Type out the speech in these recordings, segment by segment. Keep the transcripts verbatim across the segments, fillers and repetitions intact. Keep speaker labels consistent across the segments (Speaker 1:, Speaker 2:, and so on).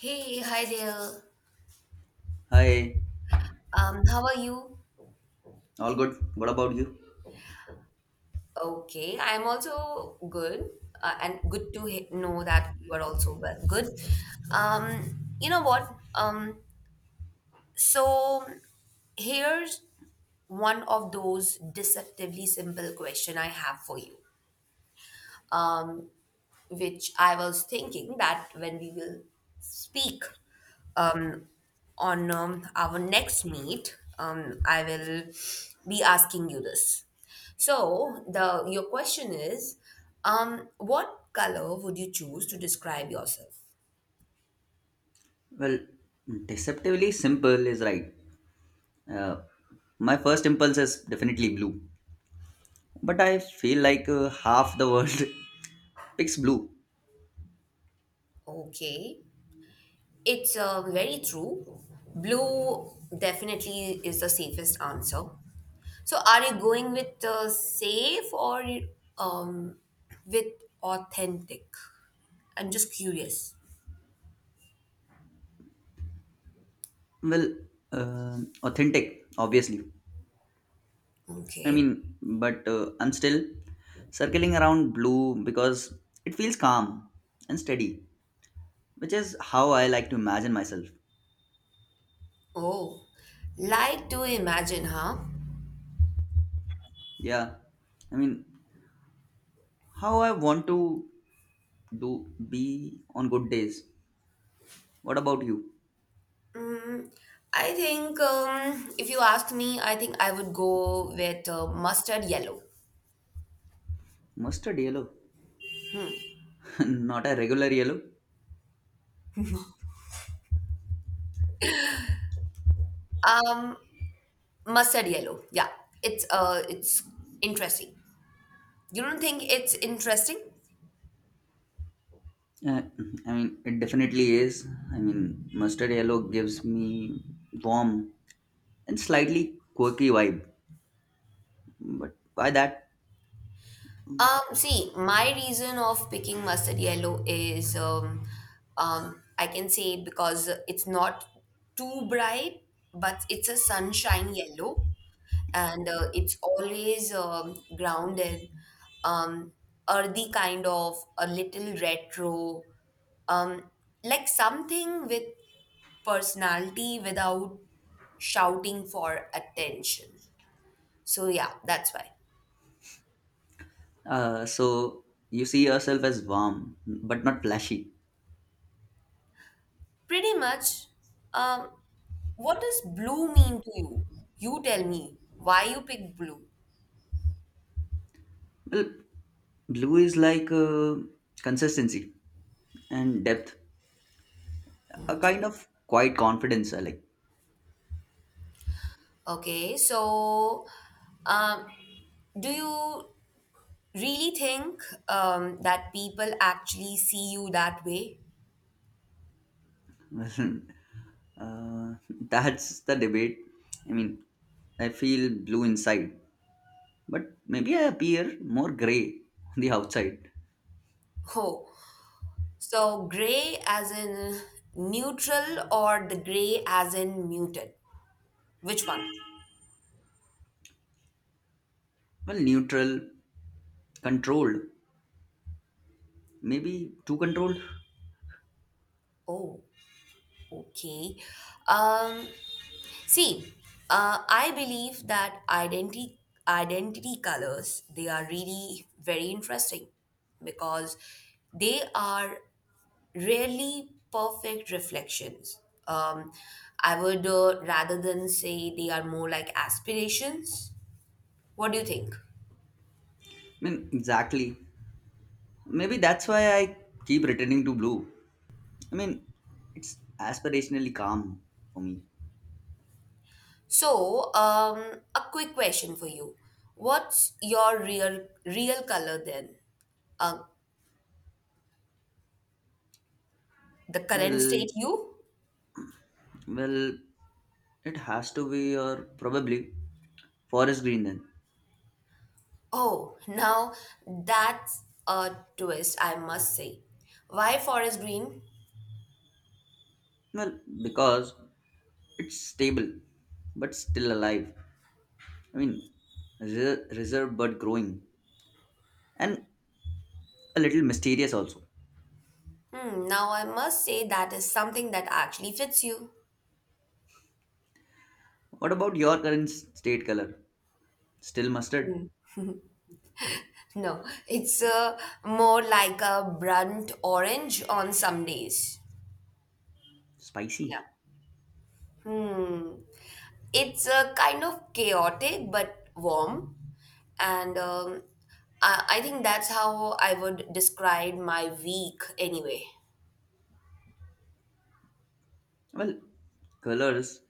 Speaker 1: Hey, hi there.
Speaker 2: Hi,
Speaker 1: Um, how are you?
Speaker 2: all good. What about you?
Speaker 1: Okay, I'm also good, uh, and good to he- know that you are also well. Good. Um, you know what? Um, so here's one of those deceptively simple question I have for you. Um, which I was thinking that when we will speak on um, our next meet, um, I will be asking you this. So the your question is, um, what color would you choose to describe yourself?
Speaker 2: Well, deceptively simple is right. Uh, my first impulse is definitely blue, but I feel like uh, half the world picks blue.
Speaker 1: Okay, it's uh, very true. Blue definitely is the safest answer. So are you going with uh, safe or um, with authentic? I'm just curious.
Speaker 2: Well, uh, Authentic, obviously. I
Speaker 1: Okay.
Speaker 2: mean, but uh, I'm still circling around blue because it feels calm and steady, which is how I like to imagine myself.
Speaker 1: Oh, like to imagine, huh?
Speaker 2: Yeah, I mean, how I want to do be on good days. What about you?
Speaker 1: I think um, if you ask me, I think I would go with uh, mustard yellow.
Speaker 2: Mustard yellow? Not a regular yellow?
Speaker 1: Mustard yellow, yeah. It's uh, it's interesting. You don't think it's interesting?
Speaker 2: Uh, I mean, it definitely is. I mean, mustard yellow gives me warm and slightly quirky vibe. But why that?
Speaker 1: Um, see, my reason of picking mustard yellow is um, um, I can say because it's not too bright, but it's a sunshine yellow, and uh, it's always um, grounded, um, earthy kind of a little retro, um, like something with personality without shouting for attention. So yeah, that's why.
Speaker 2: Uh, so you see yourself as warm, but not flashy.
Speaker 1: Pretty much. Um, what does blue mean to you? You tell me why you picked blue.
Speaker 2: Well, blue is like uh, consistency and depth, a kind
Speaker 1: Okay.
Speaker 2: of quiet confidence. I like.
Speaker 1: Okay. So, um, do you really think um, that people actually see you that way?
Speaker 2: Well, uh, that's the debate. I mean, I feel blue inside, but maybe I appear more gray on the outside.
Speaker 1: Oh, so gray as in neutral or the gray as in muted? Which one?
Speaker 2: Well, neutral, controlled, maybe too controlled.
Speaker 1: Oh, okay. Um, See, uh, I believe that identity identity colors they are really very interesting because they are really perfect reflections. Um, I would uh, rather than say they are more like aspirations. What do you think?
Speaker 2: I mean, exactly. Maybe that's why I keep returning to blue. I mean, it's aspirationally calm for me.
Speaker 1: So, um, a quick question for you: what's your real real color then? Uh, the current
Speaker 2: Well,
Speaker 1: state you?
Speaker 2: well, it has to be, or probably forest green then.
Speaker 1: Oh, now that's a twist, I must say. Why forest green?
Speaker 2: Well, because it's stable, but still alive. I mean, re- reserved but growing, and a little mysterious also.
Speaker 1: Hmm, now I must say that is something that actually fits you.
Speaker 2: What about your current s- state color? Still mustard?
Speaker 1: No, it's uh, more like a burnt orange on some days. Yeah.
Speaker 2: Spicy?
Speaker 1: Hmm. It's uh, kind of chaotic but warm. And um, I, I think that's how I would describe my week anyway.
Speaker 2: Well, colors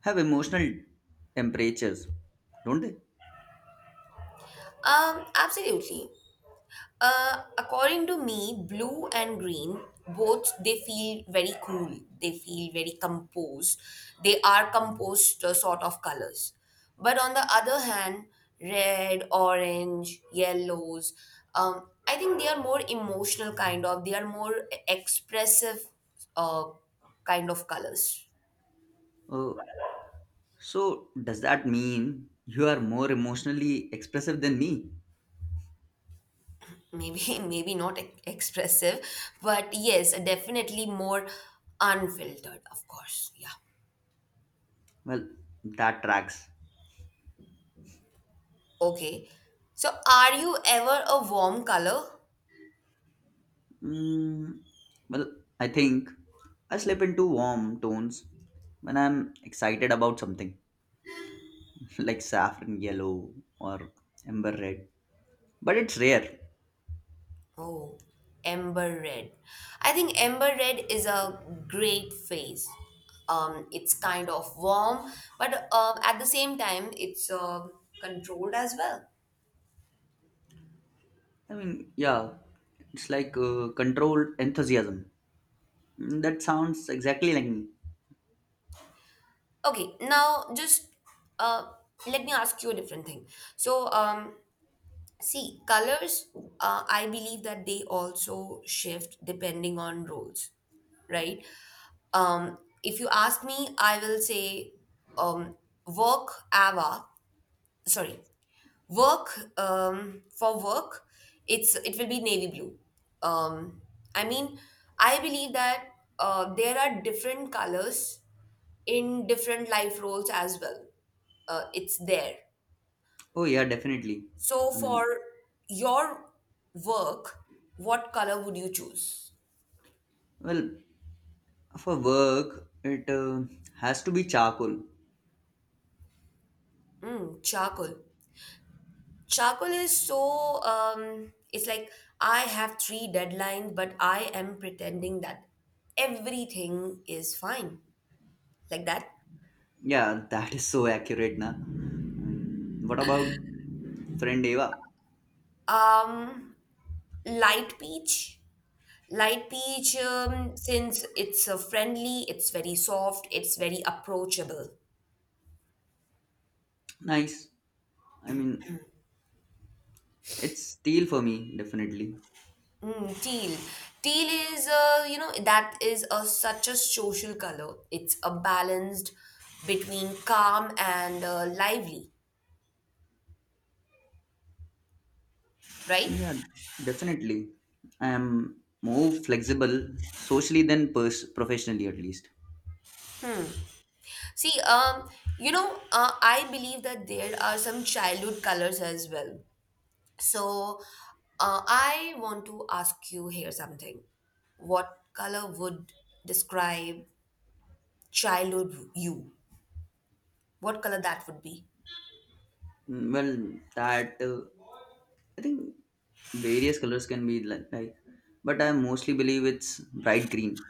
Speaker 2: have emotional temperatures, don't they?
Speaker 1: Um, absolutely. Uh, according to me, blue and green both they feel very cool. They feel very composed. They are composed uh, sort of colors. But on the other hand, red, orange, yellows, um, I think they are more emotional kind of. They are more expressive uh, kind of colors.
Speaker 2: Oh, so does that mean you are more emotionally expressive than me?
Speaker 1: Maybe maybe not e- expressive, but yes, definitely more unfiltered. Of course, yeah.
Speaker 2: Well, that tracks.
Speaker 1: Okay. So, are you ever a warm color?
Speaker 2: Mm, well, I think I slip into warm tones when I'm excited about something like saffron yellow or amber red. But it's rare.
Speaker 1: Oh, amber red. I think amber red is a great phase. Um, it's kind of warm, but um, at the same time, it's uh, controlled as well.
Speaker 2: I mean, yeah, it's like uh, controlled enthusiasm. Mm, that sounds exactly like me.
Speaker 1: Okay, now just uh, let me ask you a different thing. So, um, see, colors, uh, I believe that they also shift depending on roles, right? Um, if you ask me, I will say um, work AVA, sorry, work um, for work, it's it will be navy blue. Um, I mean, I believe that uh, there are different colors in different life roles as well. Uh, it's there
Speaker 2: Oh, yeah, definitely.
Speaker 1: so,
Speaker 2: I mean,
Speaker 1: for your work, what color would you choose?
Speaker 2: well, for work, it uh, has to be charcoal.
Speaker 1: Mm, charcoal. Charcoal is so, um, it's like I have three deadlines, but I am pretending that everything is fine. Like that.
Speaker 2: Yeah, that is so accurate, na. I mean, what about friend Eva?
Speaker 1: Um, Light peach. Light peach, um, since it's uh, friendly, it's very soft, it's very approachable.
Speaker 2: Nice. I mean, it's steel for me, definitely.
Speaker 1: Mm, teal. Teal is, uh, you know, that is a such a social color. It's a balanced between calm and uh, lively, right?
Speaker 2: Yeah, definitely. I am more flexible socially than pers- professionally, at least.
Speaker 1: See, um, you know, uh, I believe that there are some childhood colors as well. So, uh, I want to ask you here something. What color would describe childhood you? What color that would be?
Speaker 2: Mm, Well, that uh, I think various colors can be li- like, but I mostly believe it's bright green.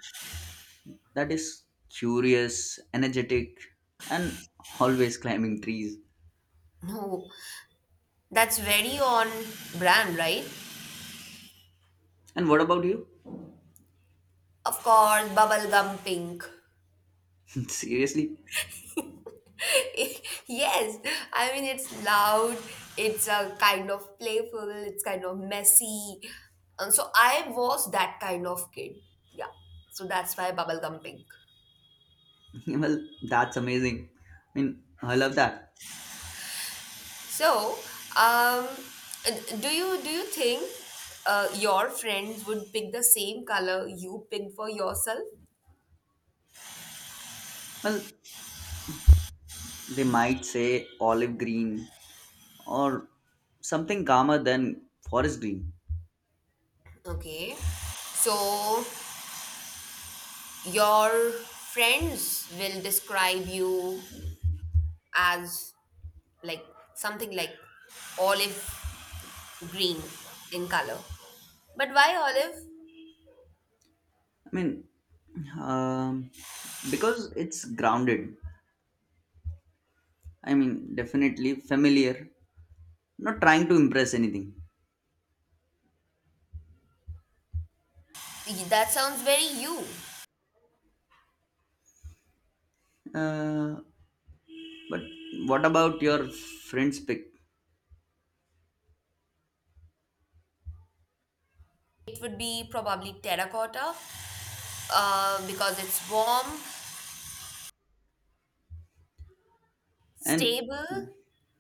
Speaker 2: That is curious, energetic, and always climbing trees.
Speaker 1: No, that's very on brand, right?
Speaker 2: And what about you?
Speaker 1: Of course, bubblegum pink.
Speaker 2: Seriously?
Speaker 1: Yes, I mean, it's loud, it's a kind of playful, it's kind of messy. And so I was that kind of kid. Yeah. So that's why bubblegum pink.
Speaker 2: Well, that's amazing. I mean, I love that.
Speaker 1: So, um, do you do you think uh, your friends would pick the same color you picked for yourself?
Speaker 2: Well, they might say olive green or something calmer than forest green.
Speaker 1: Okay. So your friends will describe you as like something like olive green in color. But why olive?
Speaker 2: I mean, um, because it's grounded. I mean, definitely familiar, not trying to impress anything.
Speaker 1: That sounds very you.
Speaker 2: Uh, but what about your friend's pick?
Speaker 1: It would be probably terracotta uh, because it's warm,
Speaker 2: And
Speaker 1: stable,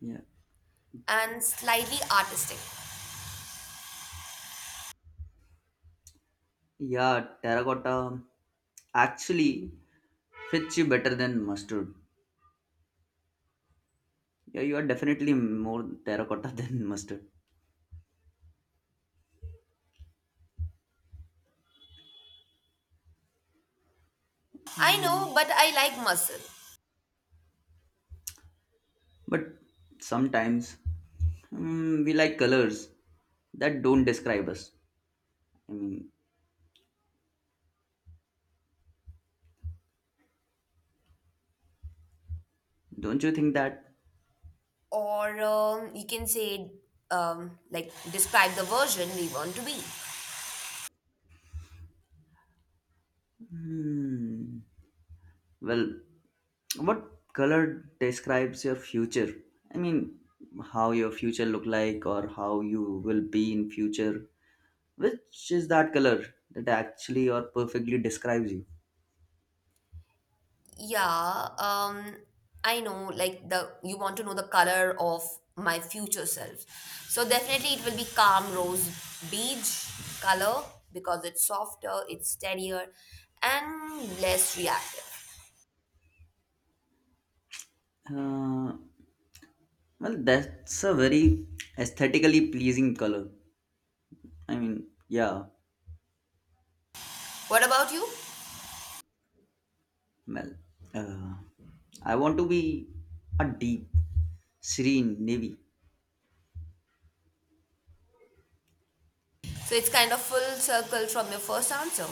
Speaker 2: yeah,
Speaker 1: and slightly artistic.
Speaker 2: yeah, terracotta actually fits you better than mustard. Yeah, you are definitely more terracotta than mustard.
Speaker 1: I
Speaker 2: Uh,
Speaker 1: know, but I like muscle.
Speaker 2: But sometimes mm, we like colors that don't describe us. I mean, don't you think that?
Speaker 1: Or um, you can say, um, like, describe the version we want to be.
Speaker 2: Hmm. Well, what color describes your future? I mean, how your future look like, or how you will be in future. Which is that color that actually or perfectly describes you?
Speaker 1: Yeah, um, I know, like the you want to know the color of my future self. So definitely it will be calm rose beige color because it's softer, it's steadier, and less reactive.
Speaker 2: Uh, well, that's a very aesthetically pleasing color. I mean, yeah,
Speaker 1: What about you?
Speaker 2: well, uh, I want to be a deep, serene navy.
Speaker 1: So it's kind of full circle from your first answer.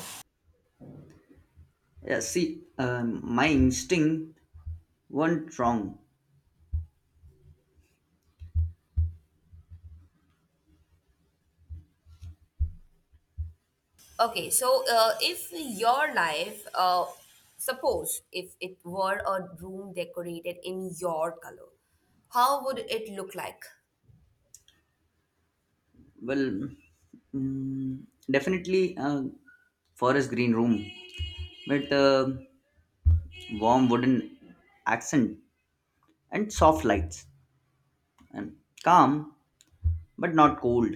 Speaker 2: Yeah, see, um, my instinct weren't wrong.
Speaker 1: Okay, so uh, if your life, uh, suppose if it were a room decorated in your color, how would it look like?
Speaker 2: Well, mm, definitely a forest green room with a warm wooden accent and soft lights, and calm but not cold.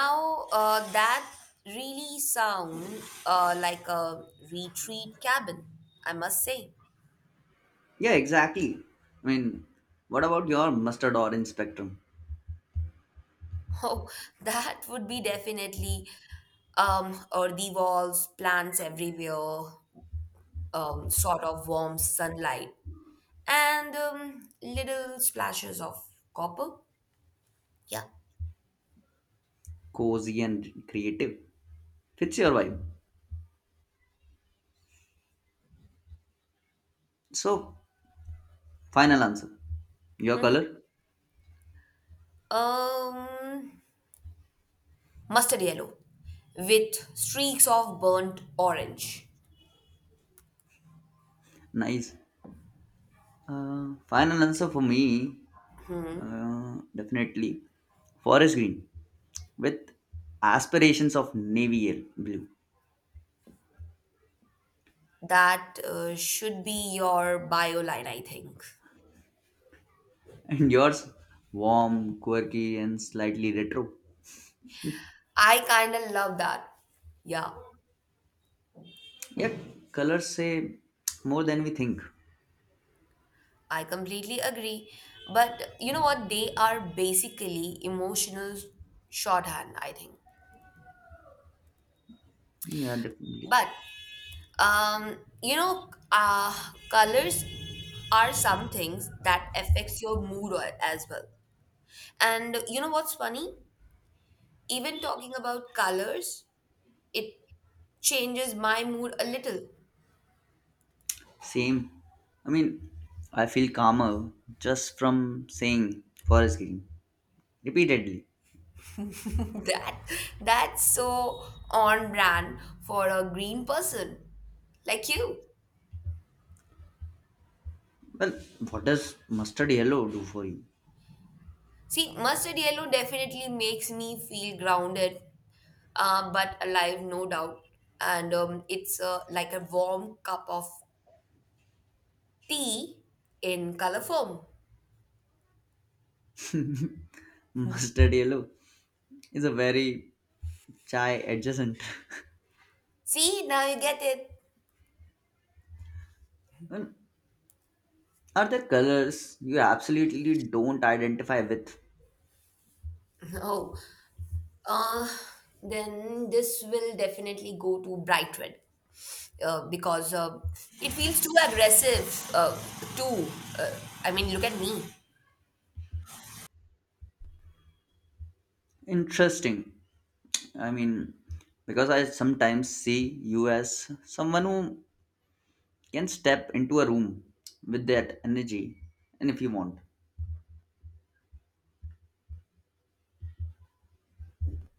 Speaker 1: Now, uh, that really sound uh, like a retreat cabin, I must say.
Speaker 2: Yeah, exactly. I mean, what about your mustard orange spectrum?
Speaker 1: Oh, that would be definitely um, earthy walls, plants everywhere, um, sort of warm sunlight, and um, little splashes of copper. Yeah.
Speaker 2: Cozy and creative. Fits your vibe. So, final answer. Your color?
Speaker 1: Um, Mustard yellow with streaks of burnt orange.
Speaker 2: Nice. Uh, final answer for me, uh, definitely forest green with aspirations of navy yel- blue.
Speaker 1: That uh, should be your bio line, I think.
Speaker 2: And yours, warm, quirky, and slightly retro.
Speaker 1: I kind of love that. Yeah,
Speaker 2: Yeah, colors say more than we think.
Speaker 1: I completely agree. But you know what? They are basically emotional shorthand, I think.
Speaker 2: Yeah, definitely.
Speaker 1: But um, you know, uh, colors are some things that affects your mood a- as well. And you know what's funny? Even talking about colors, it changes my mood a little.
Speaker 2: Same. I mean, I feel calmer just from saying forest green repeatedly.
Speaker 1: that that's so on brand for a green person like you.
Speaker 2: Well, what does mustard yellow do for you?
Speaker 1: See, mustard yellow definitely makes me feel grounded, uh, but alive, no doubt. And um, it's uh, like a warm cup of tea in color form.
Speaker 2: Mustard yellow is a very chai adjacent.
Speaker 1: See, now you get it.
Speaker 2: Well, are there colors you absolutely don't identify with?
Speaker 1: Oh, uh, then this will definitely go to bright red uh, because uh, it feels too aggressive, uh, too. Uh, I mean, look at me.
Speaker 2: Interesting. I mean, because I sometimes see you as someone who can step into a room with that energy, and if you want,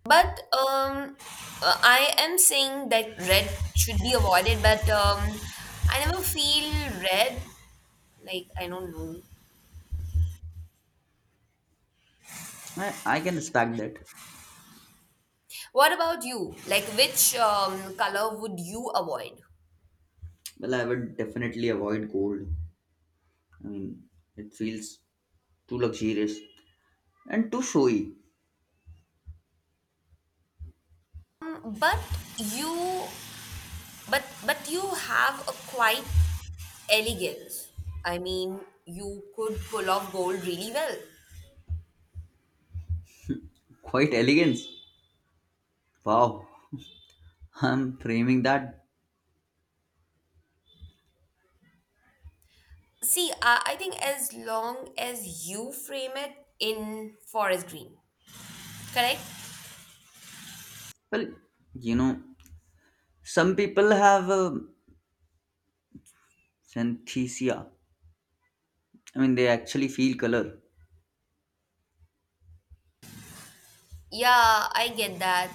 Speaker 1: But um, uh, I am saying that red should be avoided, but um, I never feel red. Like, I don't know.
Speaker 2: I, I can respect that.
Speaker 1: What about you? Like, which um, color would you avoid?
Speaker 2: Well, I would definitely avoid gold. I mean, it feels too luxurious and too showy.
Speaker 1: Um, but you, but but you have a quite elegance. I mean, you could pull off gold really well.
Speaker 2: Quite elegance. Wow, I'm framing that.
Speaker 1: See, uh, I think as long as you frame it in forest green, correct?
Speaker 2: Well, you know, some people have a synthesia. I mean, they actually feel color.
Speaker 1: Yeah, I get that.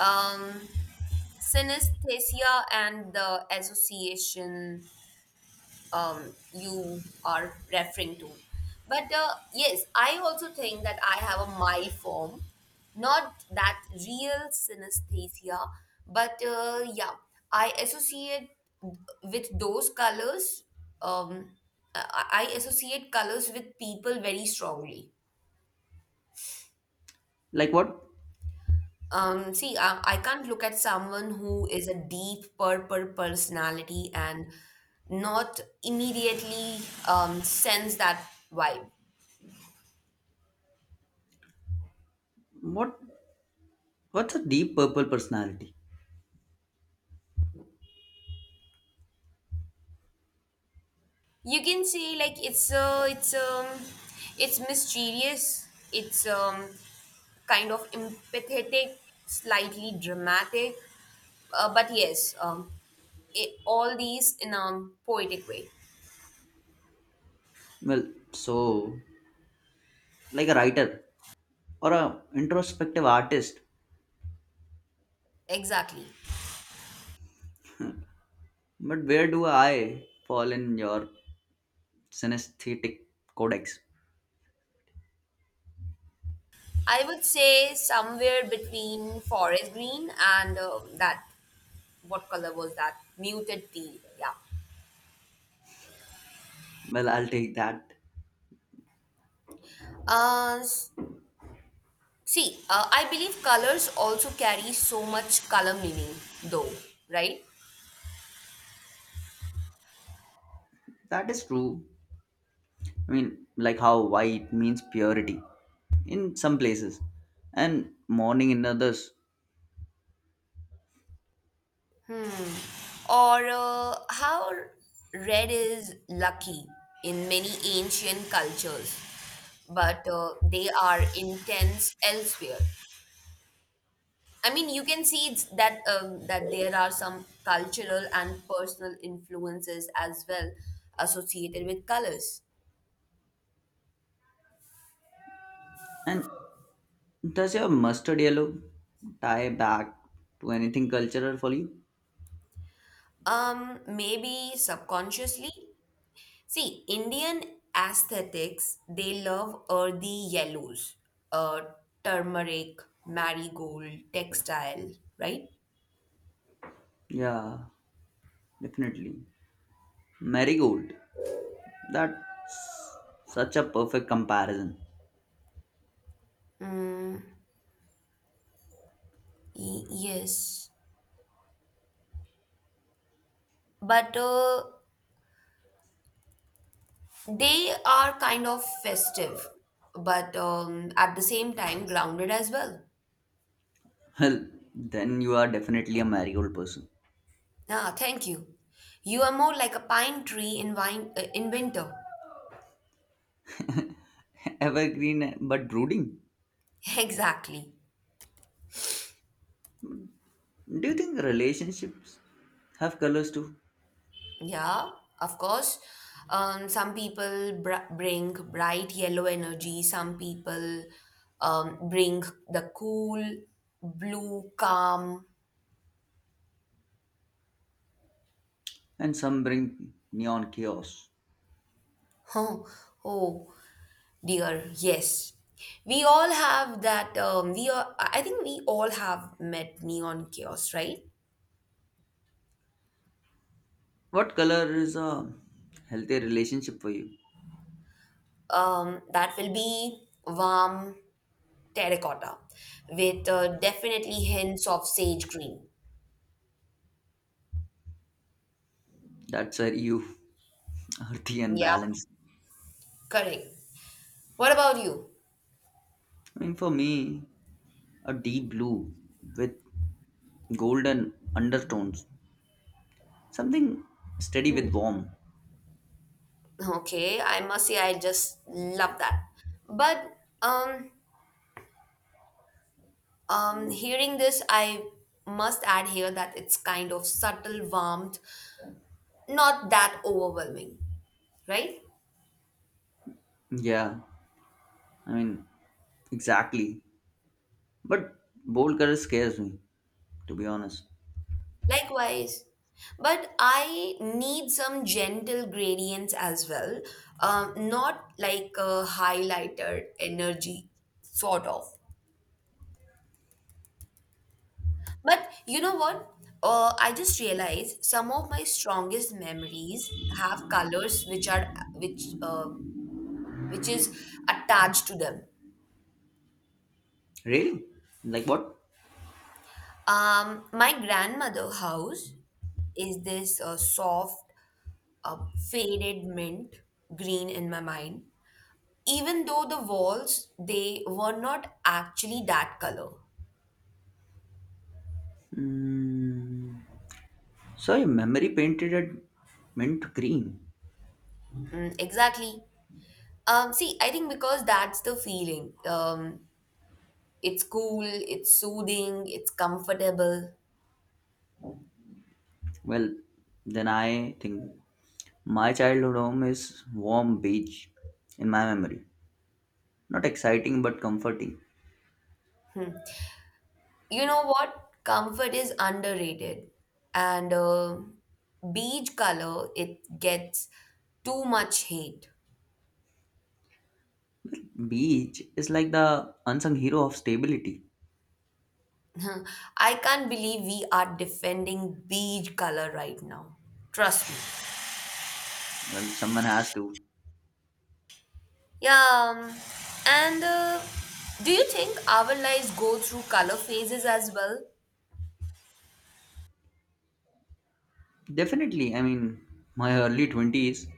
Speaker 1: um, Synesthesia and the association um, you are referring to. But uh, yes, I also think that I have a mild form, not that real synesthesia, but uh, yeah, I associate with those colors. Um, I I associate colors with people very strongly.
Speaker 2: Like what?
Speaker 1: Um, see, I, I can't look at someone who is a deep purple personality and not immediately um, sense that vibe.
Speaker 2: What? What's a deep purple personality?
Speaker 1: You can say like it's uh, it's um it's mysterious. It's um kind of empathetic, slightly dramatic, uh, but yes, um, it, all these in a poetic way.
Speaker 2: Well, so like a writer or a introspective artist.
Speaker 1: Exactly.
Speaker 2: But where do I fall in your synesthetic codex?
Speaker 1: I would say somewhere between forest green and uh, that what color was that muted teal. Yeah.
Speaker 2: Well, I'll take that.
Speaker 1: Uh, s- See, uh, I believe colors also carry so much color meaning, though, right?
Speaker 2: That is true. I mean, like how white means purity in some places and mourning in others.
Speaker 1: Hmm. Or uh, how red is lucky in many ancient cultures, but uh, they are intense elsewhere. I mean, you can see it's that um, that there are some cultural and personal influences as well associated with colors.
Speaker 2: And does your mustard yellow tie back to anything cultural for you?
Speaker 1: Um, maybe subconsciously. See, Indian aesthetics they love earthy yellows, uh, turmeric, marigold, textile, right?
Speaker 2: Yeah, definitely. Marigold. That's such a perfect comparison.
Speaker 1: Y- yes, but uh, they are kind of festive, but um, at the same time grounded as well.
Speaker 2: Well, then you are definitely a marigold person.
Speaker 1: Ah, thank you. You are more like a pine tree in wine, uh, in winter.
Speaker 2: Evergreen but brooding.
Speaker 1: Exactly.
Speaker 2: Do you think relationships have colors too?
Speaker 1: Yeah, of course. Um, some people br- bring bright yellow energy. Some people um, bring the cool, blue, calm.
Speaker 2: And some bring neon chaos.
Speaker 1: Oh, oh dear. Yes. We all have that. Um, we are, I think we all have met neon chaos, right?
Speaker 2: What color is a healthy relationship for you?
Speaker 1: Um, that will be warm, terracotta with uh, definitely hints of sage green.
Speaker 2: That's where you earthy and
Speaker 1: Yeah,
Speaker 2: balanced.
Speaker 1: correct. What about you?
Speaker 2: I mean, for me, a deep blue with golden undertones, something steady with
Speaker 1: Hmm.
Speaker 2: warm.
Speaker 1: Okay, I must say I just love that. But um um hearing this I must add here that it's kind of subtle warmth, not that overwhelming, right?
Speaker 2: Yeah, I mean, exactly. But bold color scares me, to be honest.
Speaker 1: Likewise. But I need some gentle gradients as well, um, not like a highlighter energy, sort of. But you know what? Uh, I just realized some of my strongest memories have colors which are which uh, which is attached to them.
Speaker 2: Really? Like what?
Speaker 1: Um, my grandmother house is this uh, soft, uh, faded mint green in my mind. Even though the walls they were not actually that color.
Speaker 2: Mm, so your memory painted it mint green.
Speaker 1: Mm, exactly. Um, see, I think because that's the feeling. Um, It's cool, it's soothing, it's comfortable.
Speaker 2: Well, then I think my childhood home is warm beach in my memory. Not exciting but comforting.
Speaker 1: You know what? Comfort is underrated. And uh, beige color, it gets too much hate.
Speaker 2: Beach is like the unsung hero of stability.
Speaker 1: I can't believe we are defending beige color right now. Trust me.
Speaker 2: Well, someone has to.
Speaker 1: Yeah, um, and uh, do you think our lives go through color phases as well?
Speaker 2: Definitely, I mean, my early twenties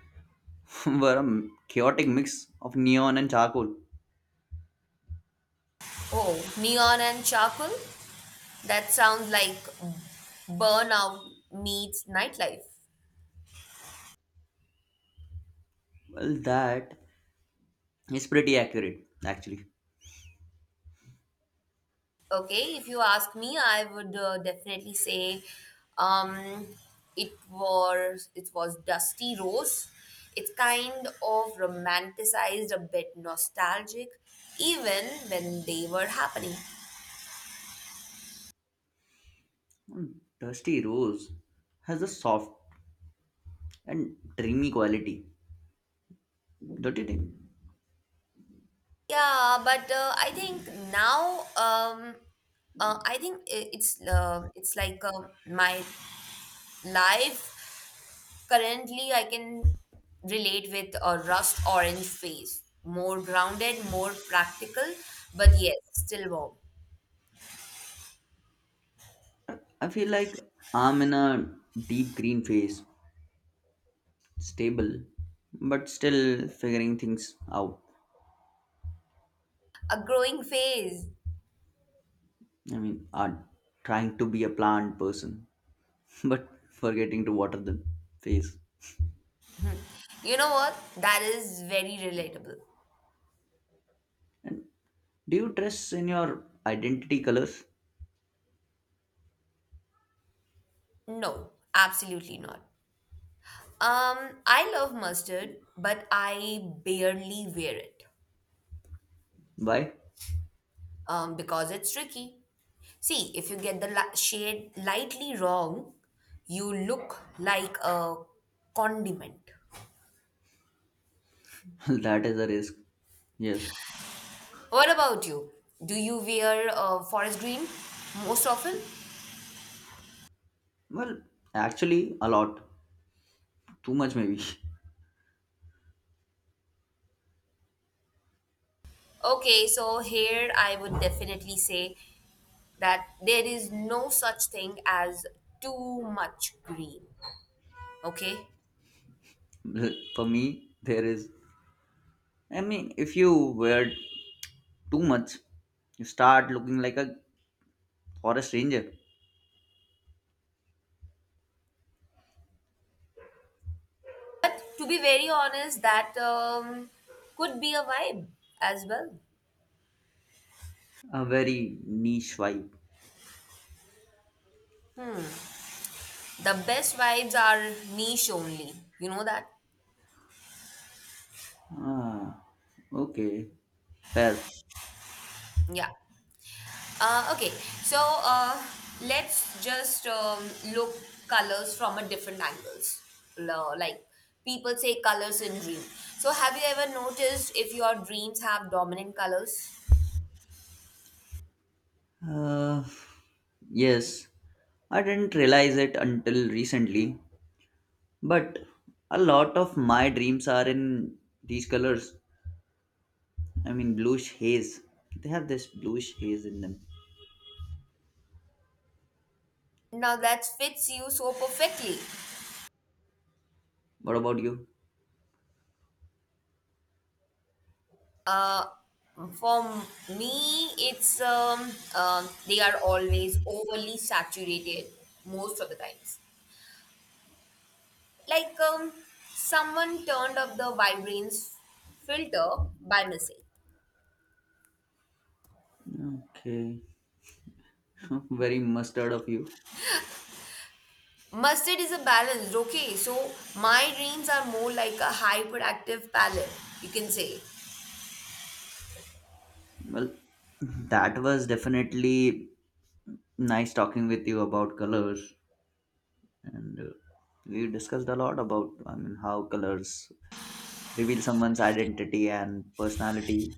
Speaker 2: were a chaotic mix of neon and charcoal.
Speaker 1: Oh, neon and charcoal? That sounds like burnout meets nightlife.
Speaker 2: Well, that is pretty accurate, actually.
Speaker 1: Okay, if you ask me, I would uh, definitely say um, it was it was Dusty Rose. It's kind of romanticized, a bit nostalgic, even when they were happening.
Speaker 2: Mm, Dusty Rose has a soft and dreamy quality, don't you think?
Speaker 1: Yeah, but uh, I think now um, uh, I think i- it's uh, it's like um my life currently, I can relate with a rust orange phase. More grounded, more practical, but yes, still warm.
Speaker 2: I feel like I'm in a deep green phase, stable, but still figuring things out.
Speaker 1: A growing phase.
Speaker 2: I mean, I'm trying to be a plant person, but forgetting to water the face.
Speaker 1: You know what? That is very relatable.
Speaker 2: And do you dress in your identity colors?
Speaker 1: No, absolutely not. Um, I love mustard, but I barely wear it
Speaker 2: Why?
Speaker 1: um, because it's tricky. See, if you get the li- shade lightly wrong, you look like a condiment.
Speaker 2: That is a risk. Yes.
Speaker 1: What about you? Do you wear uh, forest green most often?
Speaker 2: Well, actually, a lot. Too much, maybe.
Speaker 1: Okay, so here I would definitely say that there is no such thing as too much green. Okay,
Speaker 2: For me, there is. I mean, if you wear too much, you start looking like a for a stranger,
Speaker 1: but to be very honest, that um, could be a vibe as well.
Speaker 2: a very niche vibe.
Speaker 1: The best vibes are niche only. You know that?
Speaker 2: Ah, okay, fair.
Speaker 1: Yeah. Uh, okay, so uh, let's just um, look colors from a different angles. Lo- Like people say colors in dream. So have you ever noticed if your dreams have dominant colors?
Speaker 2: Uh, yes, I didn't realize it until recently, but a lot of my dreams are in these colors. I mean, bluish haze. They have this bluish haze in them.
Speaker 1: Now that fits you so perfectly.
Speaker 2: What about you?
Speaker 1: Uh, for me, it's um, um they are always overly saturated most of the times. Like um, someone turned up the vibrance filter by mistake.
Speaker 2: Okay, very mustard of you.
Speaker 1: Mustard is a balanced, okay. So my dreams are more like a hyperactive palette, you can say.
Speaker 2: Well, that was definitely nice talking with you about colors, and uh, we discussed a lot about, I mean, how colors reveal someone's identity and personality,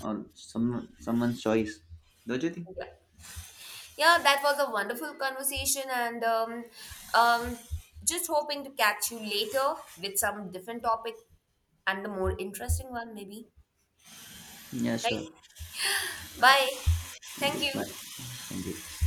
Speaker 2: or some someone's choice, don't you think?
Speaker 1: Yeah, yeah that was a wonderful conversation, and um, um, just hoping to catch you later with some different topic and a more interesting one, maybe.
Speaker 2: Yeah,
Speaker 1: Right?
Speaker 2: sure.
Speaker 1: Bye. Thank
Speaker 2: Okay, bye.
Speaker 1: you.
Speaker 2: Thank you.